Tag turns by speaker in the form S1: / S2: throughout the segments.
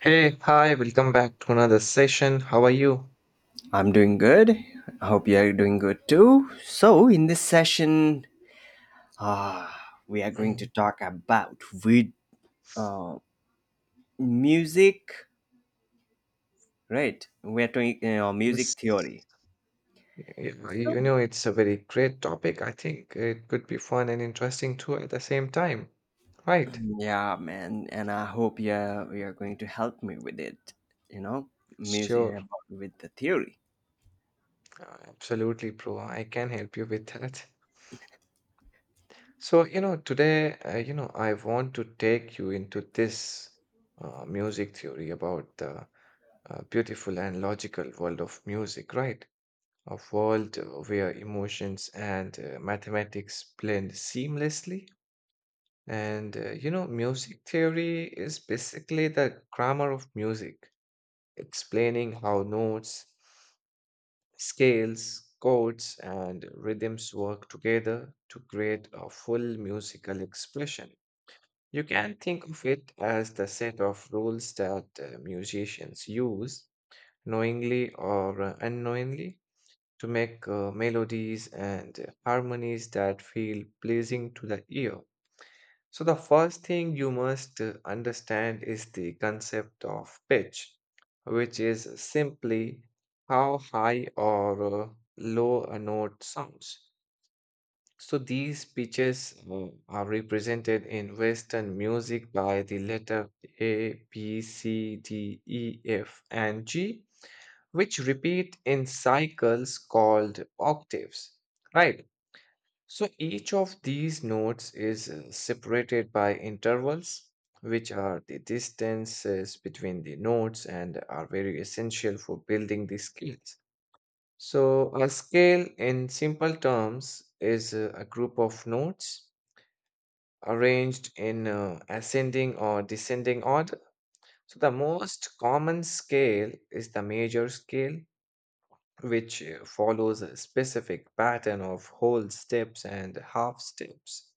S1: Hey, hi, welcome back to another session. How are you?
S2: I'm doing good. I hope you are doing good too. So, in this session, uh, we are going to
S1: Mm.
S2: talk about with uh, music, right? We are doing
S1: Yes.
S2: music theory.
S1: You know, it's a very great topic. I think it could be fun and interesting too at the same time. Right.
S2: Yeah, man, and I hope you are going to help me with it. You know, Music
S1: Sure.
S2: about with the theory.
S1: Absolutely, bro. I can help you with that. So, today, I want to take you into this music theory about the beautiful and logical world of music, right? A world where emotions and mathematics blend seamlessly. And music theory is basically the grammar of music, explaining how notes, scales, chords, and rhythms work together to create a full musical expression. You can think of it as the set of rules that musicians use knowingly or unknowingly to make melodies and harmonies that feel pleasing to the ear. So, the first thing you must understand is the concept of pitch, which is simply how high or low a note sounds. So these pitches are represented in Western music by the letter A, B, C, D, E, F, and G, which repeat in cycles called octaves. Right. So each of these notes is separated by intervals, which are the distances between the notes and are very essential for building the skills. So, a scale in simple terms is a group of notes arranged in ascending or descending order. So, the most common scale is the major scale, which follows a specific pattern of whole steps and half steps.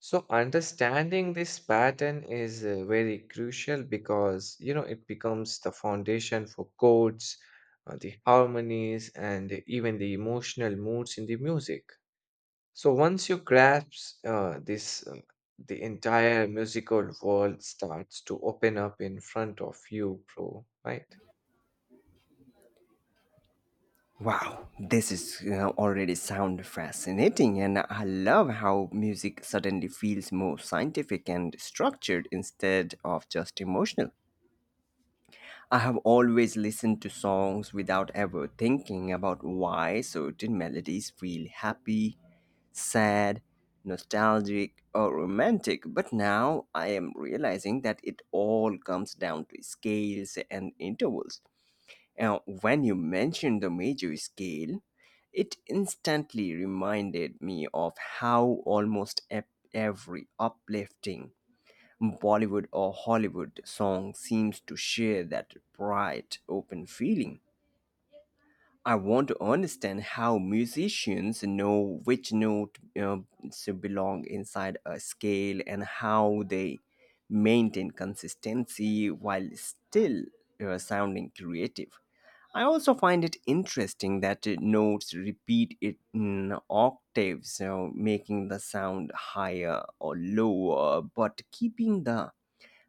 S1: So understanding this pattern is very crucial because it becomes the foundation for chords, the harmonies, and even the emotional moods in the music. So once you grasp this, the entire musical world starts to open up in front of you, bro. Right?
S2: Wow, this is already sound fascinating, and I love how music suddenly feels more scientific and structured instead of just emotional. I have always listened to songs without ever thinking about why certain melodies feel happy, sad, nostalgic, or romantic, but now I am realizing that it all comes down to scales and intervals. Now, when you mentioned the major scale, it instantly reminded me of how almost every uplifting Bollywood or Hollywood song seems to share that bright, open feeling. I want to understand how musicians know which note to belong inside a scale and how they maintain consistency while still sounding creative. I also find it interesting that notes repeat it in octaves, so making the sound higher or lower, but keeping the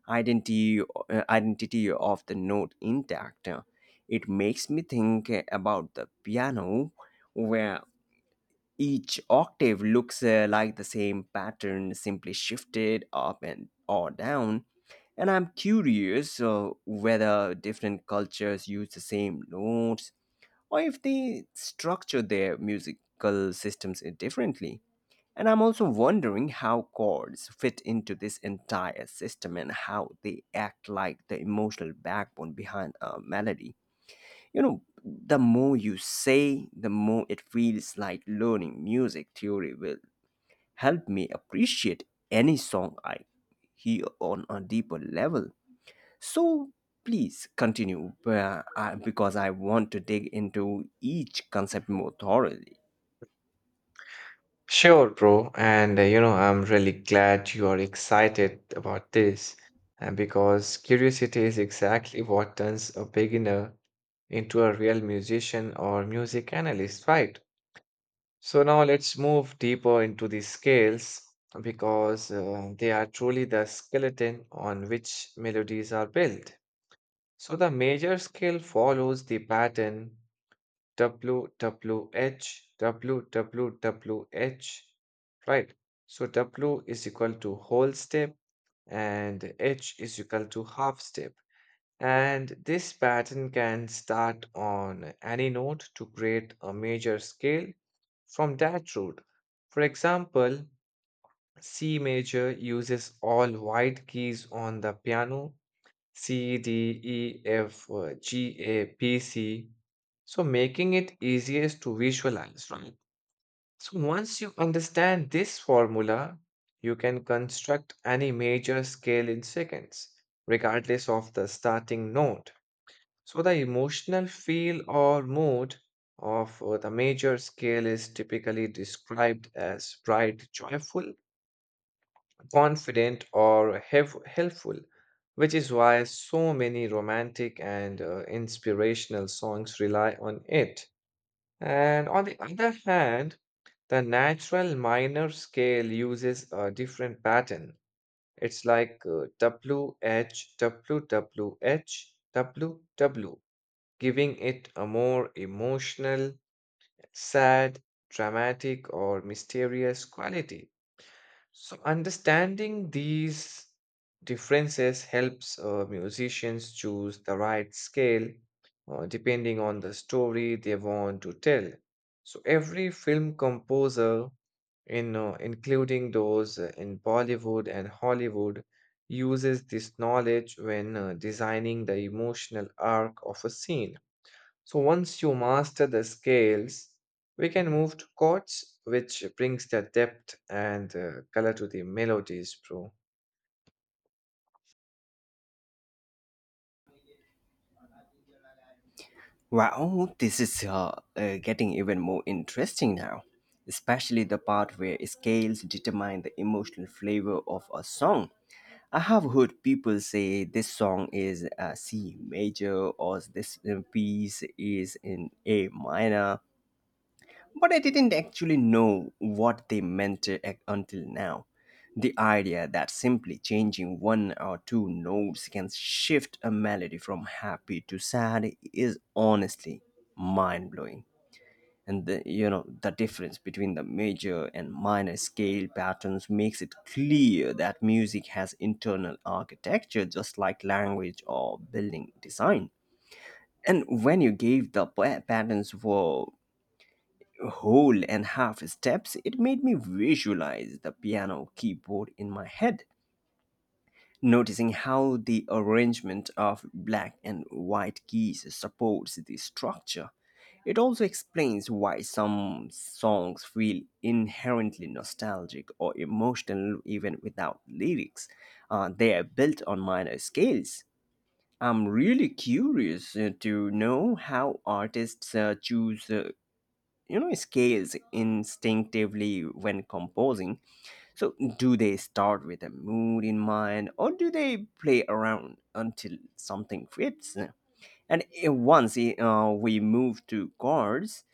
S2: identity of the note intact. It makes me think about the piano where each octave looks like the same pattern simply shifted up and or down. And I'm curious whether different cultures use the same notes or if they structure their musical systems differently. And I'm also wondering how chords fit into this entire system and how they act like the emotional backbone behind a melody. You know, the more you say, the more it feels like learning music theory will help me appreciate any song I hear on a deeper level. So please continue, because I want to dig into each concept more thoroughly.
S1: Sure, bro. And I'm really glad you are excited about this, and because curiosity is exactly what turns a beginner into a real musician or music analyst, right? So now let's move deeper into the scales because they are truly the skeleton on which melodies are built. So the major scale follows the pattern W W H W W W H, right? So W is equal to whole step and H is equal to half step. And this pattern can start on any node to create a major scale from that root. For example, C major uses all white keys on the piano: C, D, E, F, G, A, P, C. So making it easiest to visualize, right? So once you understand this formula, you can construct any major scale in seconds, regardless of the starting note. So the emotional feel or mood of the major scale is typically described as bright, joyful, confident, or helpful, which is why so many romantic and inspirational songs rely on it. And on the other hand, the natural minor scale uses a different pattern. It's like WH, giving it a more emotional, sad, dramatic, or mysterious quality. So understanding these differences helps musicians choose the right scale depending on the story they want to tell. So every film composer, in including those in Bollywood and Hollywood, uses this knowledge when designing the emotional arc of a scene. So once you master the scales, we can move to chords, which brings the depth and color to the melodies, bro.
S2: Wow, this is getting even more interesting now, especially the part where scales determine the emotional flavor of a song. I have heard people say this song is C major or this piece is in A minor. But I didn't actually know what they meant, until now. The idea that simply changing one or two notes can shift a melody from happy to sad is honestly mind blowing. And the, you know the difference between the major and minor scale patterns makes it clear that music has internal architecture just like language or building design. And when you gave the patterns were whole and half steps, it made me visualize the piano keyboard in my head, noticing how the arrangement of black and white keys supports the structure. It also explains why some songs feel inherently nostalgic or emotional even without lyrics. They are built on minor scales. I'm really curious to know how artists choose, scales instinctively when composing. So do they start with a mood in mind or do they play around until something fits? And once we move to chords,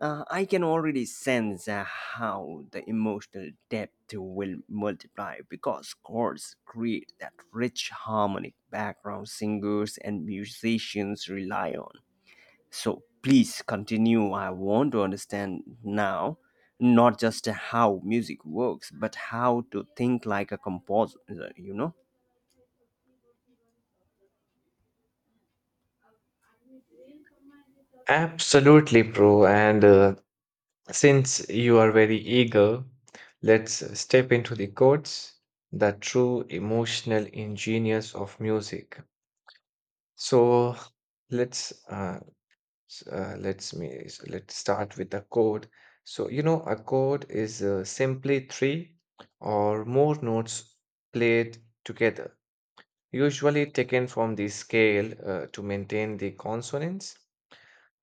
S2: I can already sense how the emotional depth will multiply because chords create that rich harmonic background singers and musicians rely on. So please continue. I want to understand now not just how music works, but how to think like a composer, you know?
S1: Absolutely, bro. And since you are very eager, let's step into the chords, the true emotional engineers of music. So let's S- let's me s- let's start with a chord. So a chord is simply three or more notes played together, usually taken from the scale to maintain the consonants.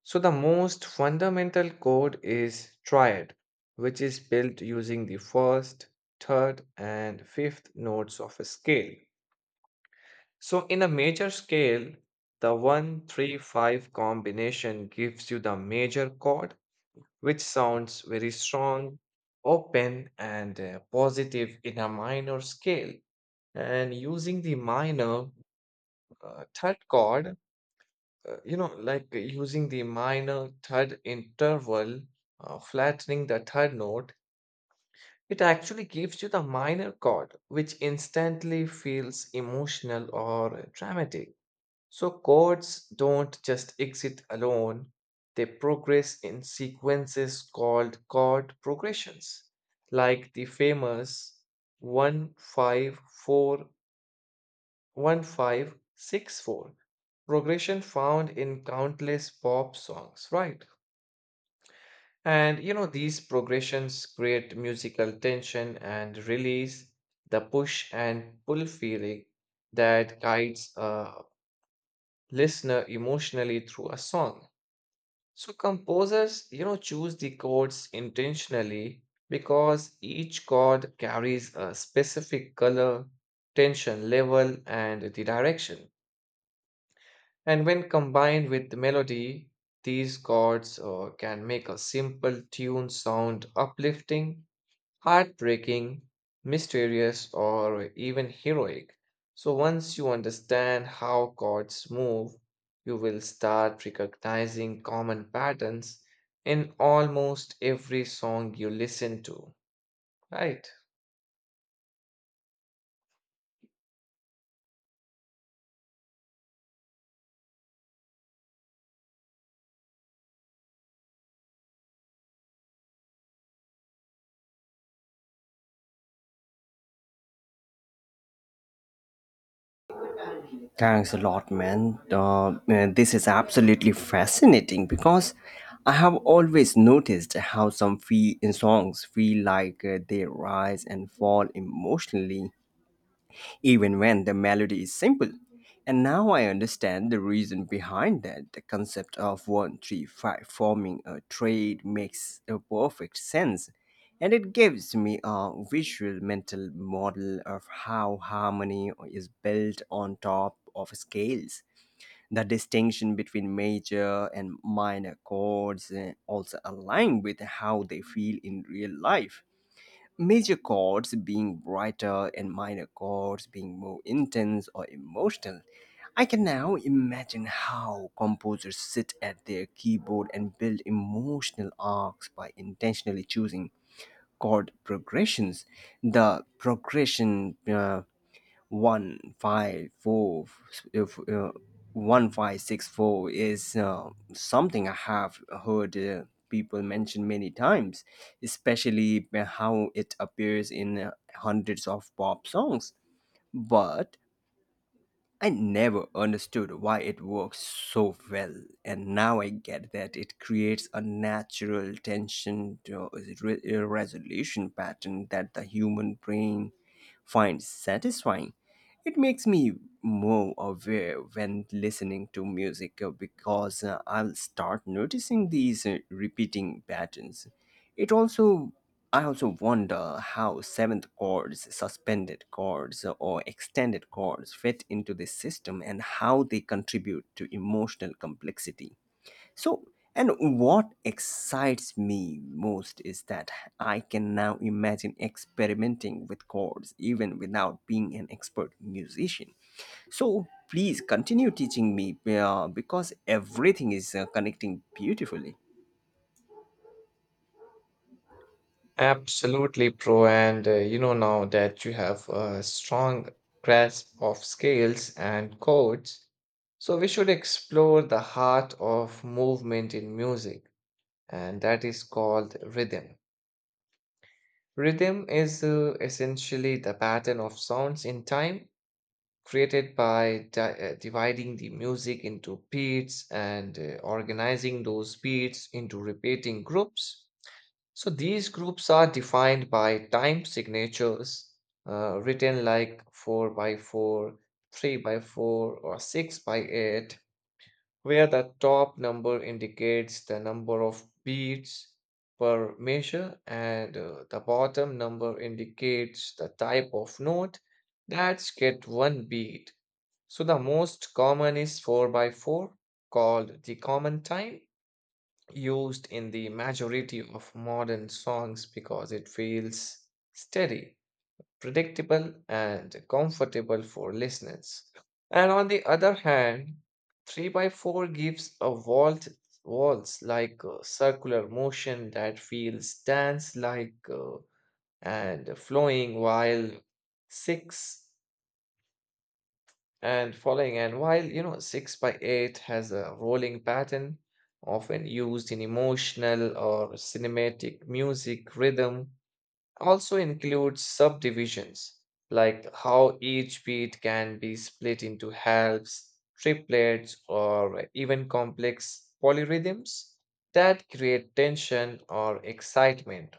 S1: So the most fundamental chord is triad, which is built using the first, third, and fifth notes of a scale. So in a major scale, the 1-3-5 combination gives you the major chord, which sounds very strong, open, and positive in a minor scale. And using the minor third chord, like using the minor third interval, flattening the third note, it actually gives you the minor chord, which instantly feels emotional or dramatic. So chords don't just exist alone, they progress in sequences called chord progressions, like the famous 1-5-4, 1-5-6-4 progression found in countless pop songs, right? And these progressions create musical tension and release, the push and pull feeling that guides a listener emotionally through a song. So composers, choose the chords intentionally because each chord carries a specific color, tension level, and the direction. And when combined with the melody, these chords can make a simple tune sound uplifting, heartbreaking, mysterious, or even heroic. So, once you understand how gods move, you will start recognizing common patterns in almost every song you listen to, right?
S2: Thanks a lot, man. Man, this is absolutely fascinating because I have always noticed how songs feel like they rise and fall emotionally even when the melody is simple. And now I understand the reason behind that. The concept of 135 forming a trade makes a perfect sense, and it gives me a visual mental model of how harmony is built on top of scales. The distinction between major and minor chords also align with how they feel in real life, major chords being brighter and minor chords being more intense or emotional. I can now imagine how composers sit at their keyboard and build emotional arcs by intentionally choosing chord progressions. The progression, 1-5-4, if 1-5-6-4, is something I have heard people mention many times, especially how it appears in hundreds of pop songs. But I never understood why it works so well, and now I get that it creates a natural tension to resolution pattern that the human brain finds satisfying. It makes me more aware when listening to music, because I'll start noticing these repeating patterns. It also I also wonder how seventh chords, suspended chords, or extended chords fit into this system and how they contribute to emotional complexity. So, and what excites me most is that I can now imagine experimenting with chords even without being an expert musician. So please continue teaching me, because everything is connecting beautifully.
S1: Absolutely, pro. And now that you have a strong grasp of scales and chords, so we should explore the heart of movement in music, and that is called rhythm. Rhythm is essentially the pattern of sounds in time created by dividing the music into beats and organizing those beats into repeating groups. So these groups are defined by time signatures, written like 4/4, 3/4, or 6/8, where the top number indicates the number of beats per measure and the bottom number indicates the type of note that's get one beat. So the most common is 4/4, called the common time, used in the majority of modern songs because it feels steady, predictable, and comfortable for listeners. And on the other hand, 3/4 gives a waltz, like circular motion that feels dance like and flowing, while 6 and following, and while 6/8 has a rolling pattern often used in emotional or cinematic music. Rhythm also includes subdivisions, like how each beat can be split into halves, triplets, or even complex polyrhythms that create tension or excitement.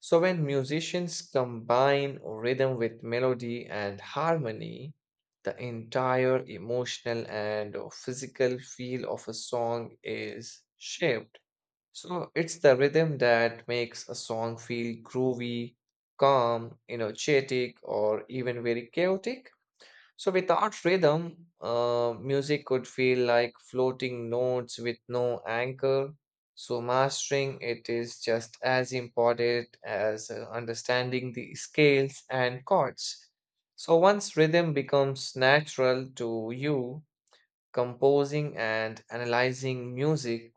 S1: So, when musicians combine rhythm with melody and harmony, the entire emotional and physical feel of a song is shaped. So it's the rhythm that makes a song feel groovy, calm, energetic, or even very chaotic. So without rhythm, music could feel like floating notes with no anchor. So mastering it is just as important as understanding the scales and chords. So once rhythm becomes natural to you, composing and analyzing music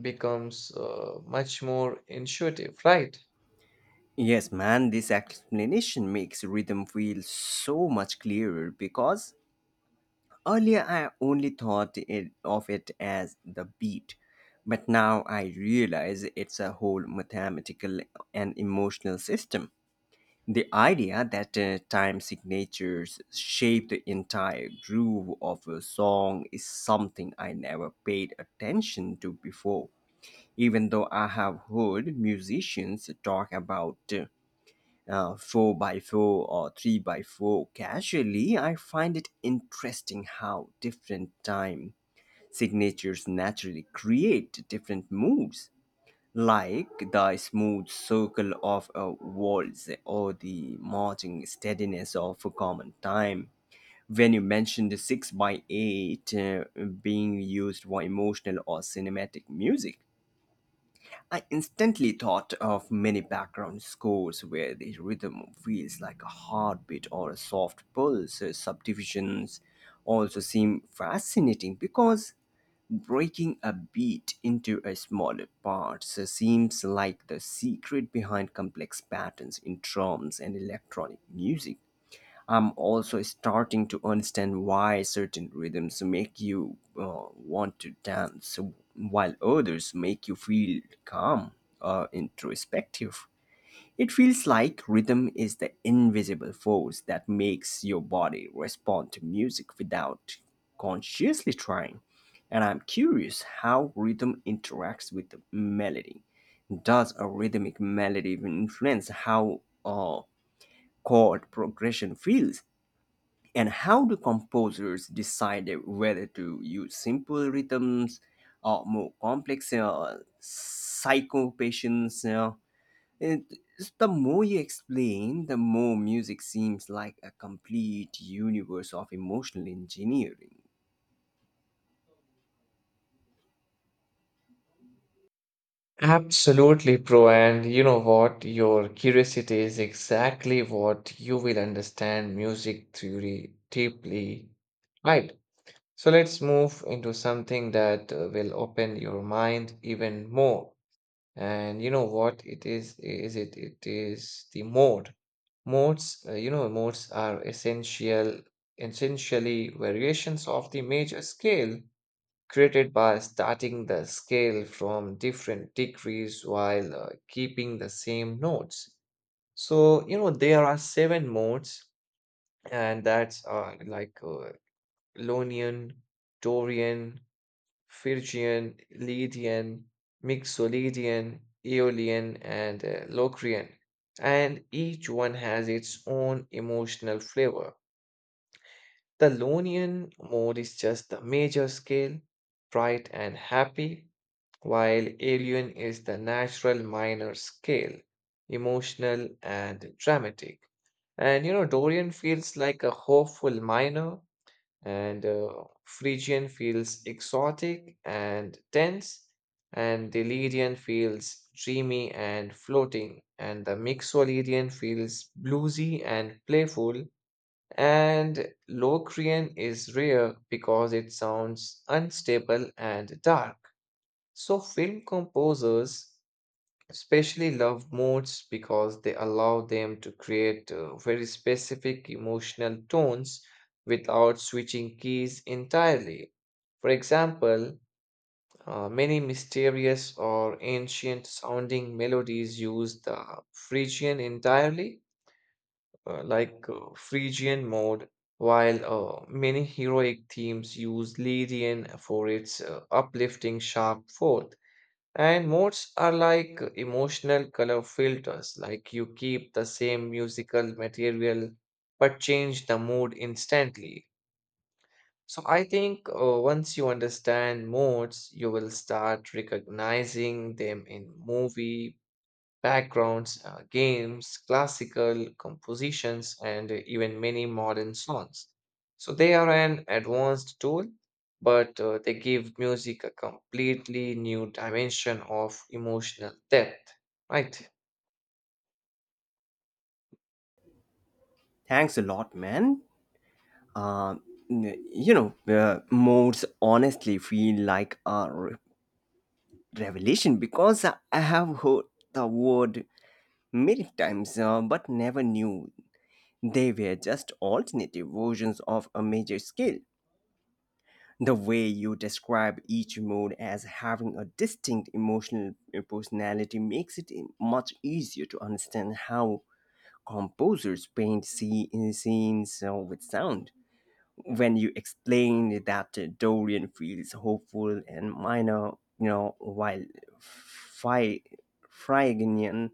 S1: becomes much more intuitive, right?
S2: Yes, man, this explanation makes rhythm feel so much clearer because earlier, I only thought of it as the beat, but now I realize it's a whole mathematical and emotional system. The idea that time signatures shape the entire groove of a song is something I never paid attention to before, even though I have heard musicians talk about 4 by 4 or 3 by 4 casually. I find it interesting how different time signatures naturally create different moods, like the smooth circle of a waltz or the marching steadiness of a common time. When you mentioned the 6 by 8 being used for emotional or cinematic music, I instantly thought of many background scores where the rhythm feels like a heartbeat or a soft pulse. Subdivisions also seem fascinating because breaking a beat into a smaller parts seems like the secret behind complex patterns in drums and electronic music. I'm also starting to understand why certain rhythms make you want to dance, while others make you feel calm or introspective. It feels like rhythm is the invisible force that makes your body respond to music without consciously trying. And I'm curious how rhythm interacts with the melody. Does a rhythmic melody even influence how a chord progression feels? And how do composers decide whether to use simple rhythms or more complex psychopatients? And the more you explain, the more music seems like a complete universe of emotional engineering.
S1: Absolutely, Pro. And you know what? Your curiosity is exactly what you will understand music theory deeply, right? So let's move into something that will open your mind even more. And you know what? It is the mode. Modes are essentially variations of the major scale, created by starting the scale from different degrees while keeping the same notes. So, there are seven modes, and that's like Ionian, Dorian, Phrygian, Lydian, Mixolydian, Aeolian, and Locrian. And each one has its own emotional flavor. The Ionian mode is just the major scale, bright and happy, while Alien is the natural minor scale, emotional and dramatic. And Dorian feels like a hopeful minor, and Phrygian feels exotic and tense, and the Delirian feels dreamy and floating, and the Mixolydian feels bluesy and playful, and Locrian is rare because it sounds unstable and dark. So, film composers especially love moods because they allow them to create very specific emotional tones without switching keys entirely. For example, many mysterious or ancient sounding melodies use the Phrygian entirely, like Phrygian mode, while many heroic themes use Lydian for its uplifting sharp fourth. And modes are like emotional color filters, like you keep the same musical material but change the mood instantly. So I think once you understand modes, you will start recognizing them in movie backgrounds, games, classical compositions, and even many modern songs. So they are an advanced tool, but they give music a completely new dimension of emotional depth, right?
S2: Thanks a lot, man. Uh, Modes honestly feel like a revelation because I have heard the word many times, but never knew they were just alternative versions of a major scale. The way you describe each mood as having a distinct emotional personality makes it, much easier to understand how composers paint scenes with sound. When you explain that Dorian feels hopeful and minor, you know, while Fry Phrygian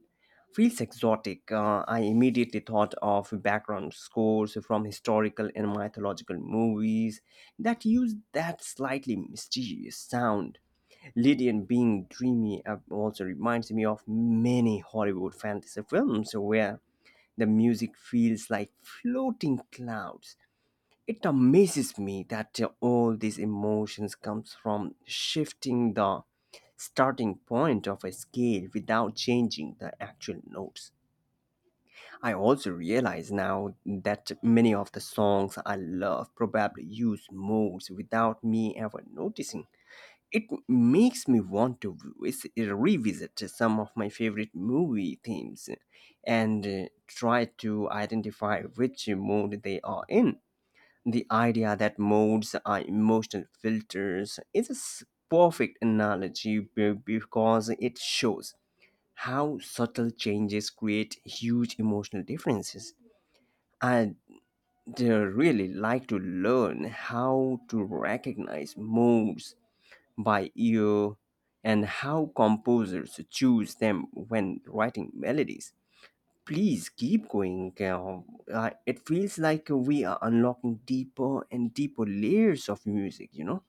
S2: feels exotic, I immediately thought of background scores from historical and mythological movies that use that slightly mysterious sound. Lydian being dreamy also reminds me of many Hollywood fantasy films where the music feels like floating clouds. It amazes me that all these emotions comes from shifting the starting point of a scale without changing the actual notes. I also realize now that many of the songs I love probably use modes without me ever noticing. It makes me want to revisit some of my favorite movie themes and try to identify which mode they are in. The idea that modes are emotional filters is a perfect analogy because it shows how subtle changes create huge emotional differences. I'd really like to learn how to recognize modes by ear and how composers choose them when writing melodies. Please keep going. It feels like we are unlocking deeper and deeper layers of music, you know?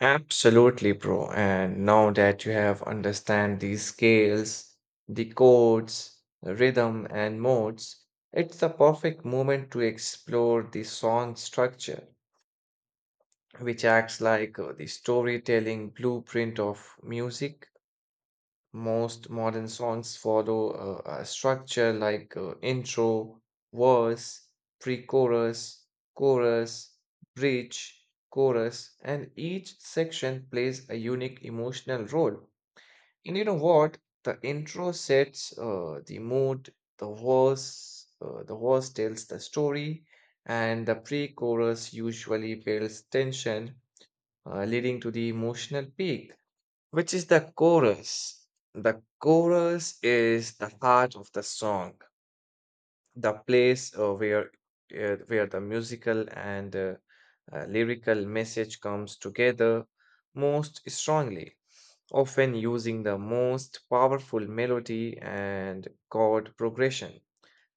S1: Absolutely, bro. And now that you have understand the scales, the chords, the rhythm, and modes, it's the perfect moment to explore the song structure, which acts like the storytelling blueprint of music. Most modern songs follow a structure like intro, verse, pre chorus, chorus, bridge, chorus, and each section plays a unique emotional role. And you know what? The intro sets the mood, the verse tells the story, and the pre chorus usually builds tension, leading to the emotional peak, which is the chorus. The chorus is the heart of the song, the place where the musical and lyrical message comes together most strongly, often using the most powerful melody and chord progression.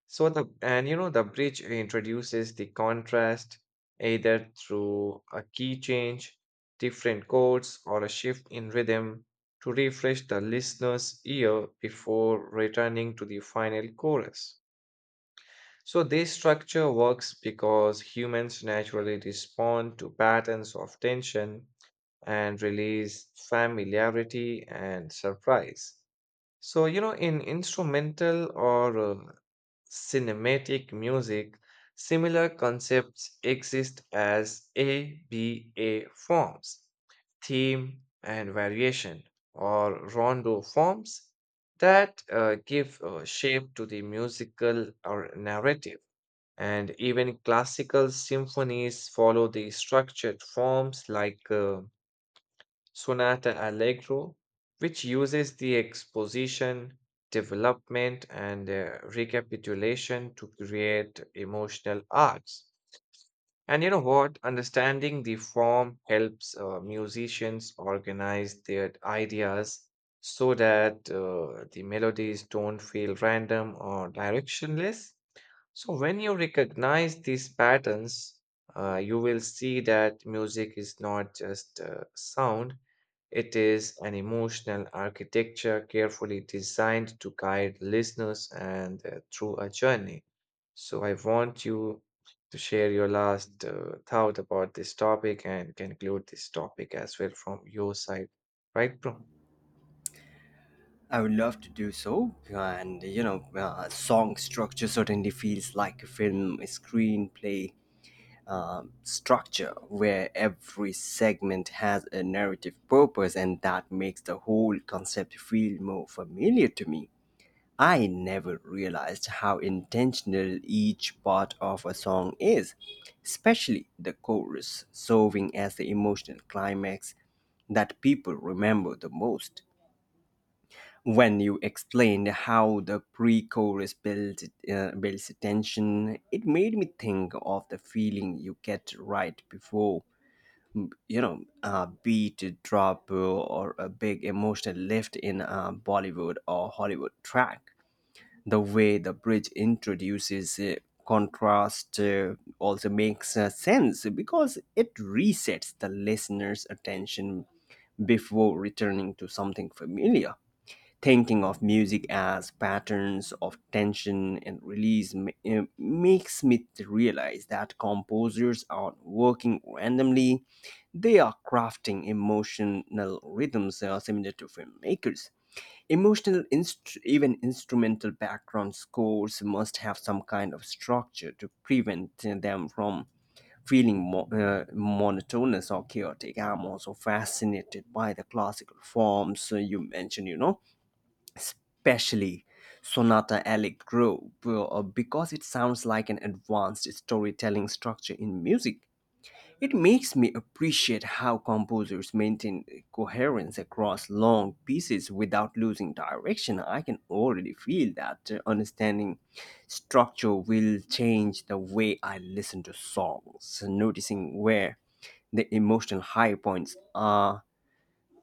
S1: So the and you know the bridge introduces the contrast, either through a key change, different chords, or a shift in rhythm, to refresh the listener's ear before returning to the final chorus. So this structure works because humans naturally respond to patterns of tension and release, familiarity and surprise. So, in instrumental or cinematic music, similar concepts exist as ABA forms, theme and variation, or rondo forms that give shape to the musical or narrative. And even classical symphonies follow the structured forms like Sonata Allegro, which uses the exposition, development, and recapitulation to create emotional arcs. And you know what? Understanding the form helps musicians organize their ideas so that the melodies don't feel random or directionless. So, when you recognize these patterns, you will see that music is not just sound, it is an emotional architecture carefully designed to guide listeners and through a journey. So, I want you to share your last thought about this topic and conclude this topic as well from your side, right, bro?
S2: I would love to do so. And, song structure certainly feels like a film screenplay structure where every segment has a narrative purpose, and that makes the whole concept feel more familiar to me. I never realized how intentional each part of a song is, especially the chorus, serving as the emotional climax that people remember the most. When you explained how the pre-chorus builds tension, it made me think of the feeling you get right before, a beat drop or a big emotional lift in a Bollywood or Hollywood track. The way the bridge introduces contrast also makes sense because it resets the listener's attention before returning to something familiar. Thinking of music as patterns of tension and release makes me realize that composers aren't working randomly, they are crafting emotional rhythms similar to filmmakers. Emotional, even instrumental background scores must have some kind of structure to prevent them from feeling monotonous or chaotic. I'm also fascinated by the classical forms you mentioned, especially Sonata Allegro, because it sounds like an advanced storytelling structure in music. It makes me appreciate how composers maintain coherence across long pieces without losing direction. I can already feel that understanding structure will change the way I listen to songs, noticing where the emotional high points are.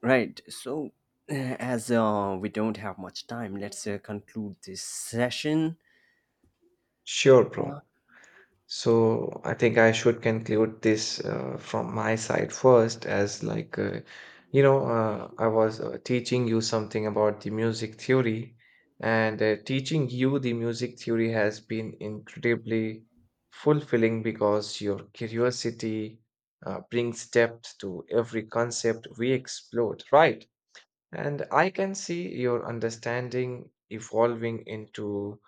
S2: Right. So, uh, as we don't have much time, let's conclude this session.
S1: Sure, bro. So I think I should conclude this from my side first, as like, I was teaching you something about the music theory, and teaching you the music theory has been incredibly fulfilling because your curiosity brings depth to every concept we explored, right? And I can see your understanding evolving into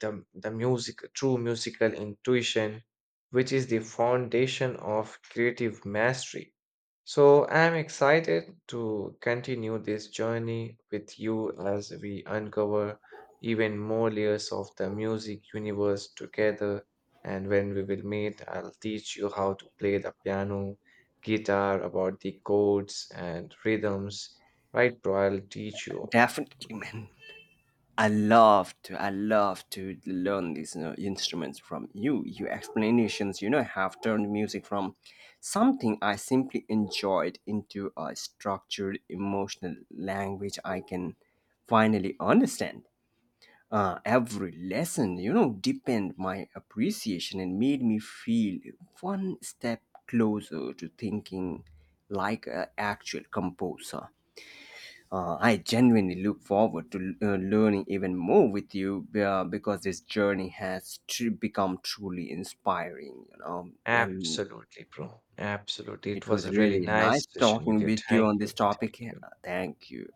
S1: the true musical intuition, which is the foundation of creative mastery. So I'm excited to continue this journey with you as we uncover even more layers of the music universe together. And when we will meet, I'll teach you how to play the piano, guitar, about the chords and rhythms. Right, bro? I'll teach you.
S2: Definitely, man. I love to learn these, instruments from you. Your explanations, have turned music from something I simply enjoyed into a structured, emotional language I can finally understand. Every lesson, deepened my appreciation and made me feel one step closer to thinking like an actual composer. I genuinely look forward to learning even more with you, because this journey has become truly inspiring. And
S1: Absolutely, bro. Absolutely. It
S2: it
S1: was
S2: was
S1: a really
S2: really
S1: nice
S2: nice
S1: session with
S2: talking
S1: you.
S2: with you
S1: Thank
S2: on
S1: you.
S2: this topic.
S1: Thank you.
S2: Thank you.